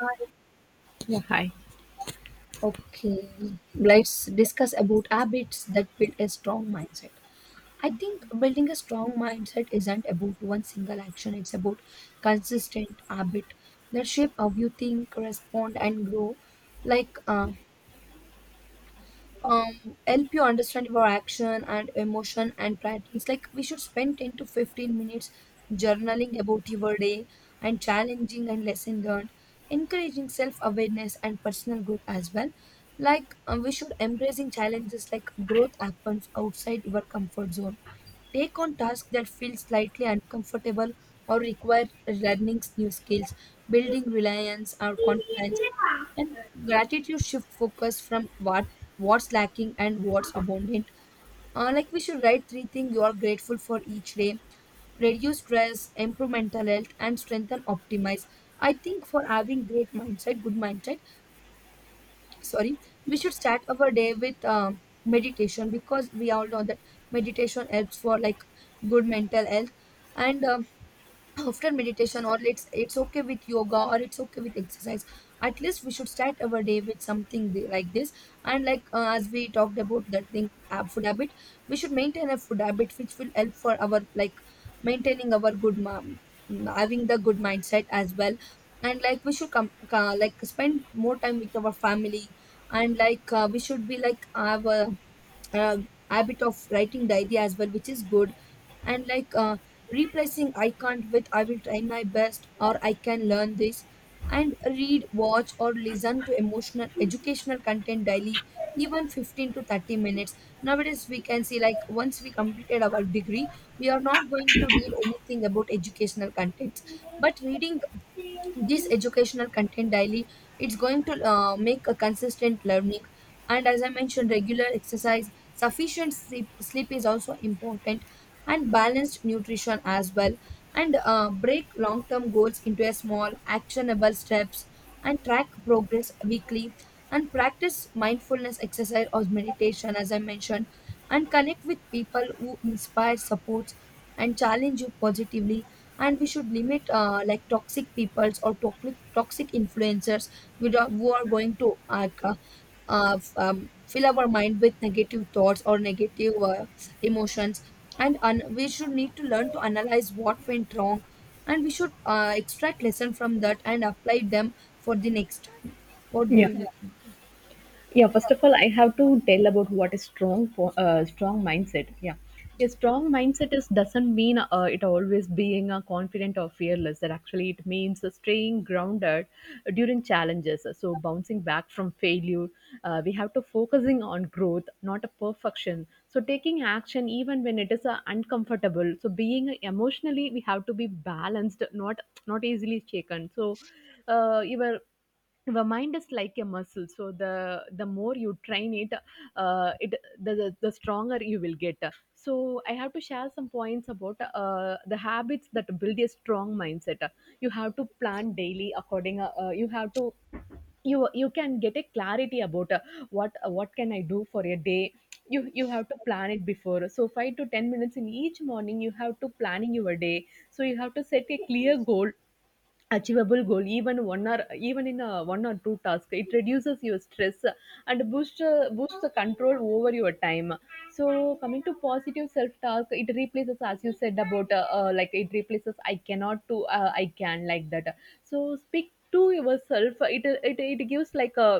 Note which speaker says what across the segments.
Speaker 1: Right.
Speaker 2: Yeah. Hi.
Speaker 1: Okay, let's discuss about habits that build a strong mindset. I think building a strong mindset isn't about one single action, it's about consistent habit that shape how you think, respond, and grow. Like help you understand your action and emotion and patterns, like we should spend 10 to 15 minutes journaling about your day and challenging and lesson learned, encouraging self-awareness and personal growth as well. Like we should embracing challenges, like growth happens outside your comfort zone. Take on tasks that feel slightly uncomfortable or require learning new skills, building reliance or confidence. And gratitude shift focus from what's lacking and what's abundant. Like we should write three things you are grateful for each day, reduce stress, improve mental health, and strengthen optimize. I think for having great mindset, good mindset, sorry, we should start our day with meditation because we all know that meditation helps for like good mental health. And after meditation, or let's it's okay with yoga or it's okay with exercise, at least we should start our day with something like this. And like as we talked about that thing, food habit, we should maintain a food habit which will help for our like maintaining our good mom, having the good mindset as well. And like we should come like spend more time with our family. And like we should be like have a uh, habit of writing diary as well, which is good. And like replacing I can't with I will try my best or I can learn this. And read, watch, or listen to emotional, educational content daily, even 15 to 30 minutes. Nowadays, we can see like once we completed our degree, we are not going to read anything about educational contents. But reading this educational content daily, it's going to make a consistent learning. And as I mentioned, regular exercise, sufficient sleep is also important, and balanced nutrition as well. And break long term goals into a small actionable steps and track progress weekly and practice mindfulness exercise or meditation, as I mentioned, and connect with people who inspire support and challenge you positively. And we should limit like toxic peoples or toxic influencers with, who are going to like, fill our mind with negative thoughts or negative emotions. And we should need to learn to analyze what went wrong, and we should extract lesson from that and apply them for the next time. What
Speaker 2: Yeah.
Speaker 1: do, yeah, you think?
Speaker 2: Yeah, first of all I have to tell about what is strong for strong mindset. Yeah, a strong mindset is doesn't mean it always being confident or fearless. That actually it means staying grounded during challenges, so bouncing back from failure. We have to focusing on growth, not a perfection, so taking action even when it is uncomfortable. So being emotionally we have to be balanced, not easily shaken. So you were the mind is like a muscle, so the more you train it, the stronger you will get. So I have to share some points about the habits that build a strong mindset. You have to plan daily according you have to, you can get a clarity about what can I do for a day. You have to plan it before, so 5 to 10 minutes in each morning you have to planning your day. So you have to set a clear goal, achievable goal, even in a one or two tasks. It reduces your stress and boosts boosts the control over your time. So coming to positive self talk, it replaces, as you said about like it replaces I cannot to I can, like that. So speak to yourself, it gives like a,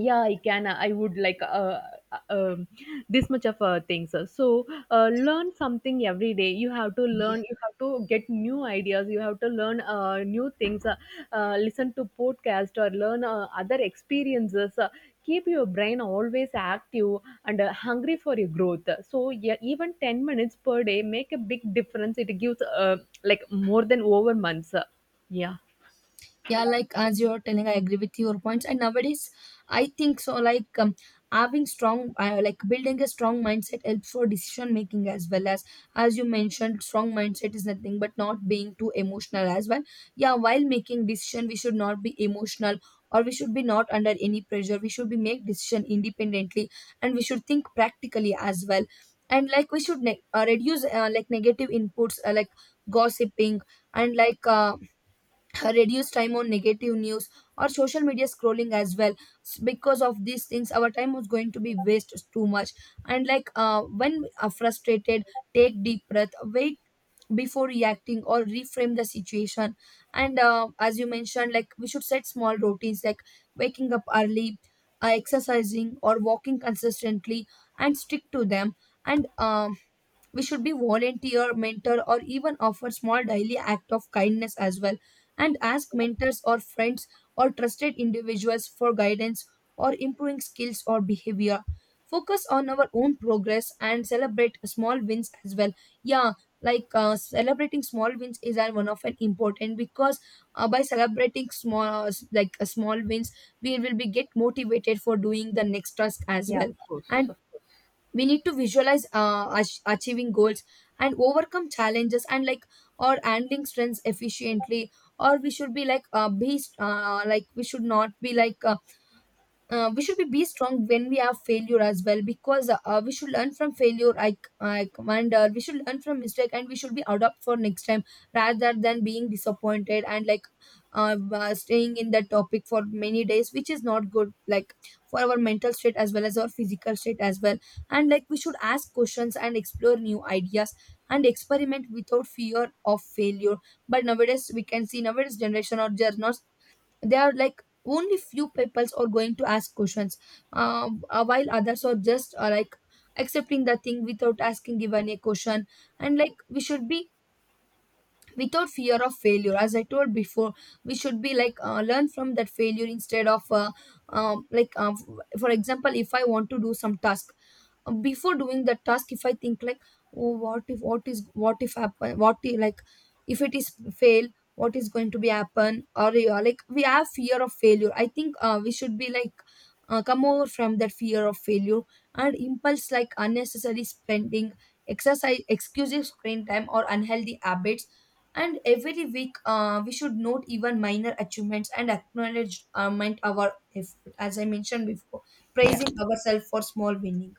Speaker 2: yeah, I can, I would like uh, um, this much of things. So learn something every day. You have to
Speaker 1: Yeah,
Speaker 2: learn, you have to get new ideas, you have to learn new things, listen to podcast or learn other experiences. Keep your brain always active and hungry for your growth. So yeah, even 10 minutes per day make a big difference. It gives like more than over months. Yeah.
Speaker 1: yeah. Like as you're telling, I agree with your points, and nowadays I think so like having strong like building a strong mindset helps for decision making, as well as you mentioned strong mindset is nothing but not being too emotional as well. Yeah, while making decision we should not be emotional, or we should be not under any pressure, we should be make decision independently, and we should think practically as well. And like we should reduce like negative inputs like gossiping. And like reduce time on negative news or social media scrolling as well. Because of these things our time was going to be waste too much. And like when we are frustrated, take deep breath, wait before reacting or reframe the situation. And as you mentioned, like we should set small routines like waking up early, exercising or walking consistently, and stick to them. And we should be volunteer mentor or even offer small daily act of kindness as well, and ask mentors or friends or trusted individuals for guidance or improving skills or behavior. Focus on our own progress and celebrate small wins as well. Yeah, like celebrating small wins is one of an important because by celebrating small like small wins we will be get motivated for doing the next task as
Speaker 2: Yeah,
Speaker 1: well.
Speaker 2: of course,
Speaker 1: And
Speaker 2: of course.
Speaker 1: we need to visualize achieving goals and overcome challenges, and like or handling strengths efficiently. Or we should be like we should not be like we should be strong when we have failure as well, because we should learn from failure. I wonder we should learn from mistake and we should be adopt for next time rather than being disappointed, and like staying in that topic for many days which is not good like for our mental state as well as our physical state as well. And like we should ask questions and explore new ideas and experiment without fear of failure. But nowadays we can see nowadays generation or they are not, there are like only few peoples are going to ask questions, while others are just like accepting the thing without asking even a question. And like we should be without fear of failure, as I told before, we should be like learn from that failure instead of like for example, if I want to do some task, before doing that task, if I think like, oh, what if, what is, what if happen, what if, like, if it is fail, what is going to be happen? Or you, like, we have fear of failure. I think we should be like come over from that fear of failure. And impulse like unnecessary spending, exercise exclusive screen time or unhealthy habits. And every week we should note even minor achievements and acknowledge and our effort, as I mentioned before,
Speaker 2: Yeah.
Speaker 1: praising ourselves for small winning.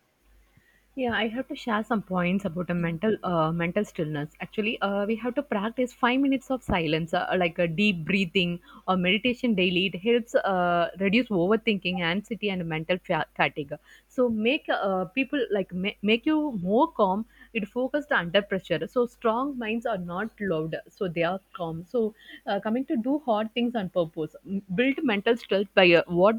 Speaker 2: Yeah, I have to share some points about a mental mental stillness. Actually, we have to practice 5 minutes of silence, like a deep breathing or meditation daily. It helps reduce overthinking, anxiety, and mental fatigue. So make people like make you more calm. It focused under pressure. So strong minds are not loud, so they are calm. So coming to do hard things on purpose, build mental strength by what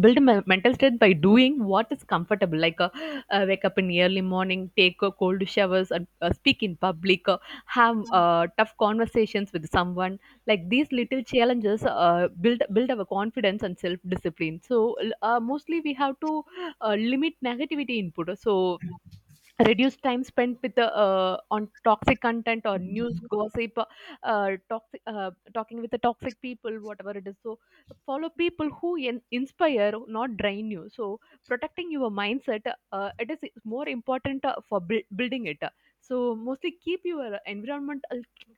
Speaker 2: build my mental strength by doing what is comfortable, like wake up in early morning, take cold showers, and speak in public, have tough conversations with someone. Like these little challenges build our confidence and self discipline. So mostly we have to limit negativity input. So reduce time spent with the on toxic content or news
Speaker 1: Yeah.
Speaker 2: gossip, toxic talking with the toxic people, whatever it is. So follow people who inspire, not drain you. So protecting your mindset, it is more important for building it. So mostly keep your environment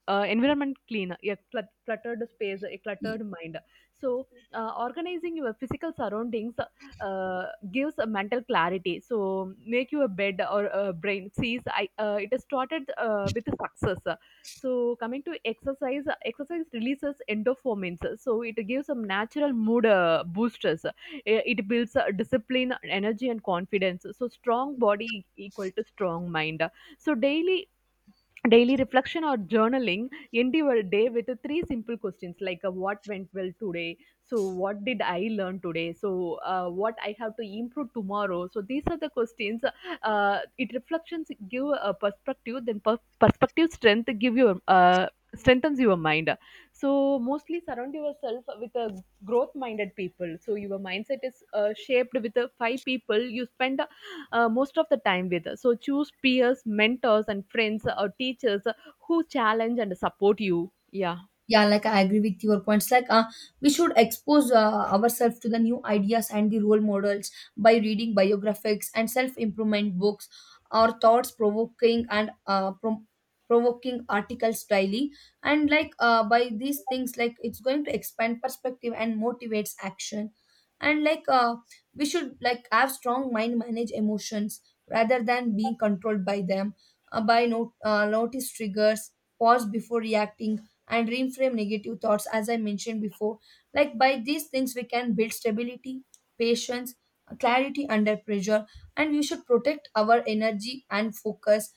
Speaker 2: environment clean. A cluttered space, a cluttered mind. So organizing your physical surroundings uh, gives a mental clarity. So make you a bed or a brain. Sees I it is started with success. So coming to exercise, exercise releases endorphins. So it gives some natural mood boosters. It builds discipline, energy, and confidence. So strong body equal to strong mind. So daily reflection or journaling, end your day with three simple questions, like what went well today, so what did I learn today, so what I have to improve tomorrow. So these are the questions. It reflections give a perspective, then perspective strength give your strengthens your mind. So mostly surround yourself with a growth minded people. So your mindset is shaped with the five people you spend most of the time with. So choose peers, mentors, and friends or teachers who challenge and support you. Yeah.
Speaker 1: Yeah, like I agree with your points. Like we should expose ourselves to the new ideas and the role models by reading biographies and self-improvement books or thoughts provoking and provoking articles daily. And like by these things, like it's going to expand perspective and motivates action. And like we should like have strong mind manage emotions rather than being controlled by them, by not notice triggers, pause before reacting, and reframe negative thoughts, as I mentioned before. Like by these things, we can build stability, patience, clarity under pressure, and we should protect our energy and focus,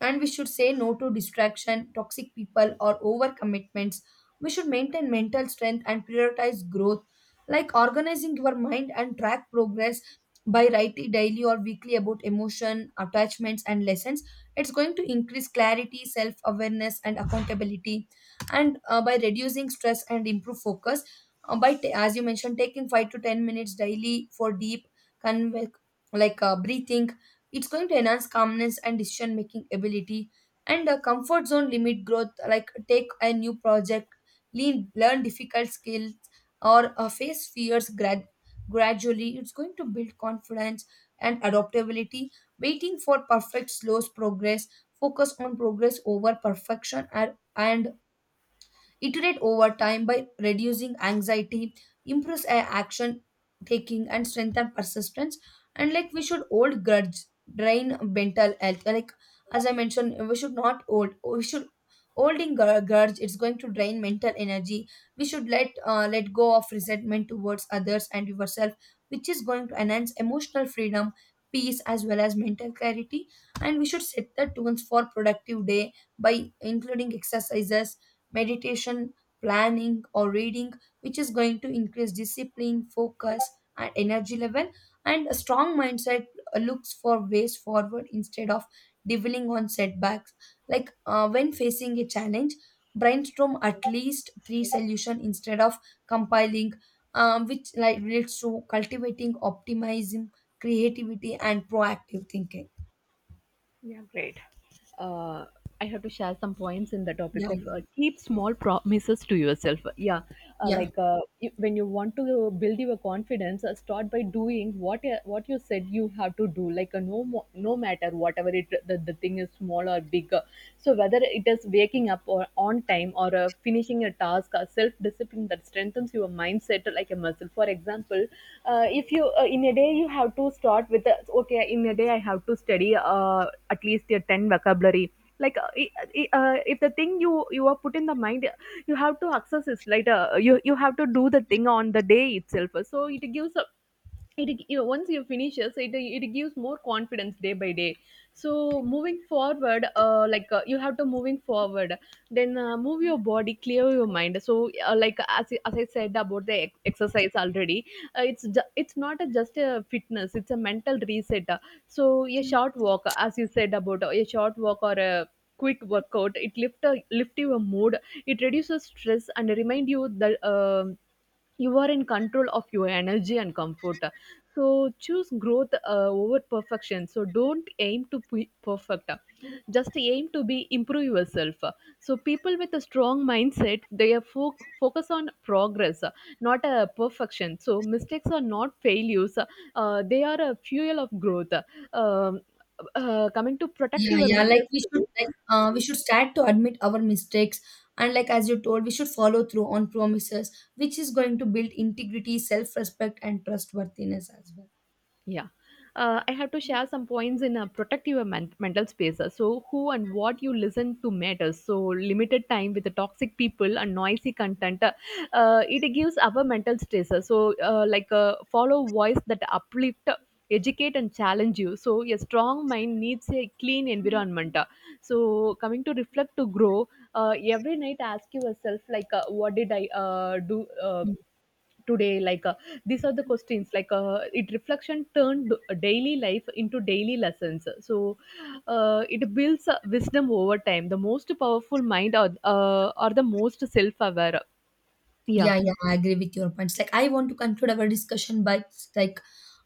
Speaker 1: and we should say no to distraction, toxic people, or overcommitments. We should maintain mental strength and prioritize growth, like organizing your mind and track progress by writing daily or weekly about emotion, attachments, and lessons. It's going to increase clarity, self awareness, and accountability, and by reducing stress and improve focus. As you mentioned, taking 5 to 10 minutes daily for deep, conve- like breathing, it's going to enhance calmness and decision making ability. And a comfort zone limit growth, like take a new project, lean, learn difficult skills, or face fears gradually. It's going to build confidence and adaptability. Waiting for perfect slows progress. Focus on progress over perfection, and iterate over time by reducing anxiety, improves action taking, and strengthen persistence. And like we should hold grudge, drain mental health. Like as I mentioned, we should not hold. We should holding grudge. It's going to drain mental energy. We should let go of resentment towards others and yourself, which is going to enhance emotional freedom, peace, as well as mental clarity. And we should set the tunes for productive day by including exercises, meditation, planning, or reading, which is going to increase discipline, focus, and energy level. And a strong mindset looks for ways forward instead of dwelling on setbacks. Like when facing a challenge, brainstorm at least three solutions instead of compiling, which like leads to cultivating optimism, creativity, and proactive thinking.
Speaker 2: uh, I have to share some points in the topic
Speaker 1: Yeah,
Speaker 2: of
Speaker 1: yeah,
Speaker 2: keep small promises to yourself. Yeah,
Speaker 1: yeah.
Speaker 2: like when you want to build your confidence, start by doing what you said you have to do. Like no matter whatever it the thing is small or big. So whether it is waking up or on time or finishing a task, self discipline that strengthens your mindset like a muscle. For example, if you in a day you have to start with the, okay, in a day I have to study at least 10 vocabulary, like if the thing you are put in the mind, you have to access it. Like you have to do the thing on the day itself, so it gives a, once you finish it, so it gives more confidence day by day. So moving forward, you have to moving forward. Then move your body, clear your mind. So as I said about the exercise already, it's not a, just a fitness, it's a mental reset. So a short walk, as you said about a short walk or a quick workout, it lift your mood. It reduces stress and remind you that you are in control of your energy and comfort. So choose growth over perfection. So don't aim to be perfect, just aim to be improve yourself. So people with a strong mindset, they are focus on progress, not a perfection. So mistakes are not failures, they are a fuel of growth. um, Coming to protect
Speaker 1: Yeah,
Speaker 2: your
Speaker 1: yeah.
Speaker 2: mental
Speaker 1: Like we should
Speaker 2: space.
Speaker 1: we should start to admit our mistakes, and like as you told, we should follow through on promises, which is going to build integrity, self-respect, and trustworthiness as well.
Speaker 2: Yeah. I have to share some points in a protective mental space. So, who and what you listen to matters. So, limited time with the toxic people and noisy content, it gives our mental stress. So, like follow voice that uplift, educate, and challenge you. So, a strong mind needs a clean
Speaker 1: Mm.
Speaker 2: environment. So, coming to reflect to grow, every night ask yourself, like, what did I do? Today, like, these are the questions, like, it reflection turned daily life into daily lessons. So it builds wisdom over time. The most powerful mind are, are the most self-aware. Yeah.
Speaker 1: Yeah, yeah, I agree with your points. Like I want to conclude our discussion by like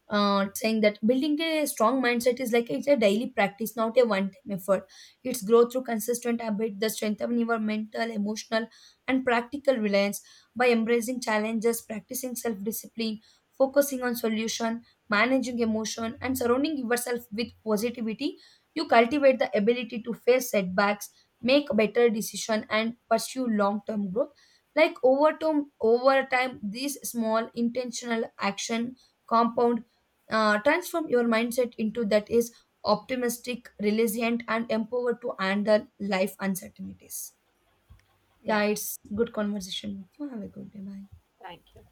Speaker 1: saying that building a strong mindset is like it's a daily practice, not a one-time effort. It's growth through consistent habit, the strength of your mental, emotional, and practical reliance by embracing challenges, practicing self-discipline, focusing on solution, managing emotion, and surrounding yourself with positivity. You cultivate the ability to face setbacks, make better decision, and pursue long-term growth. Like over time, these small intentional action compound, transform your mindset into that is optimistic resilient and empowered to handle life uncertainties.
Speaker 2: Yeah,
Speaker 1: Yeah, it's good conversation with you. Have a good day. Bye.
Speaker 2: thank you.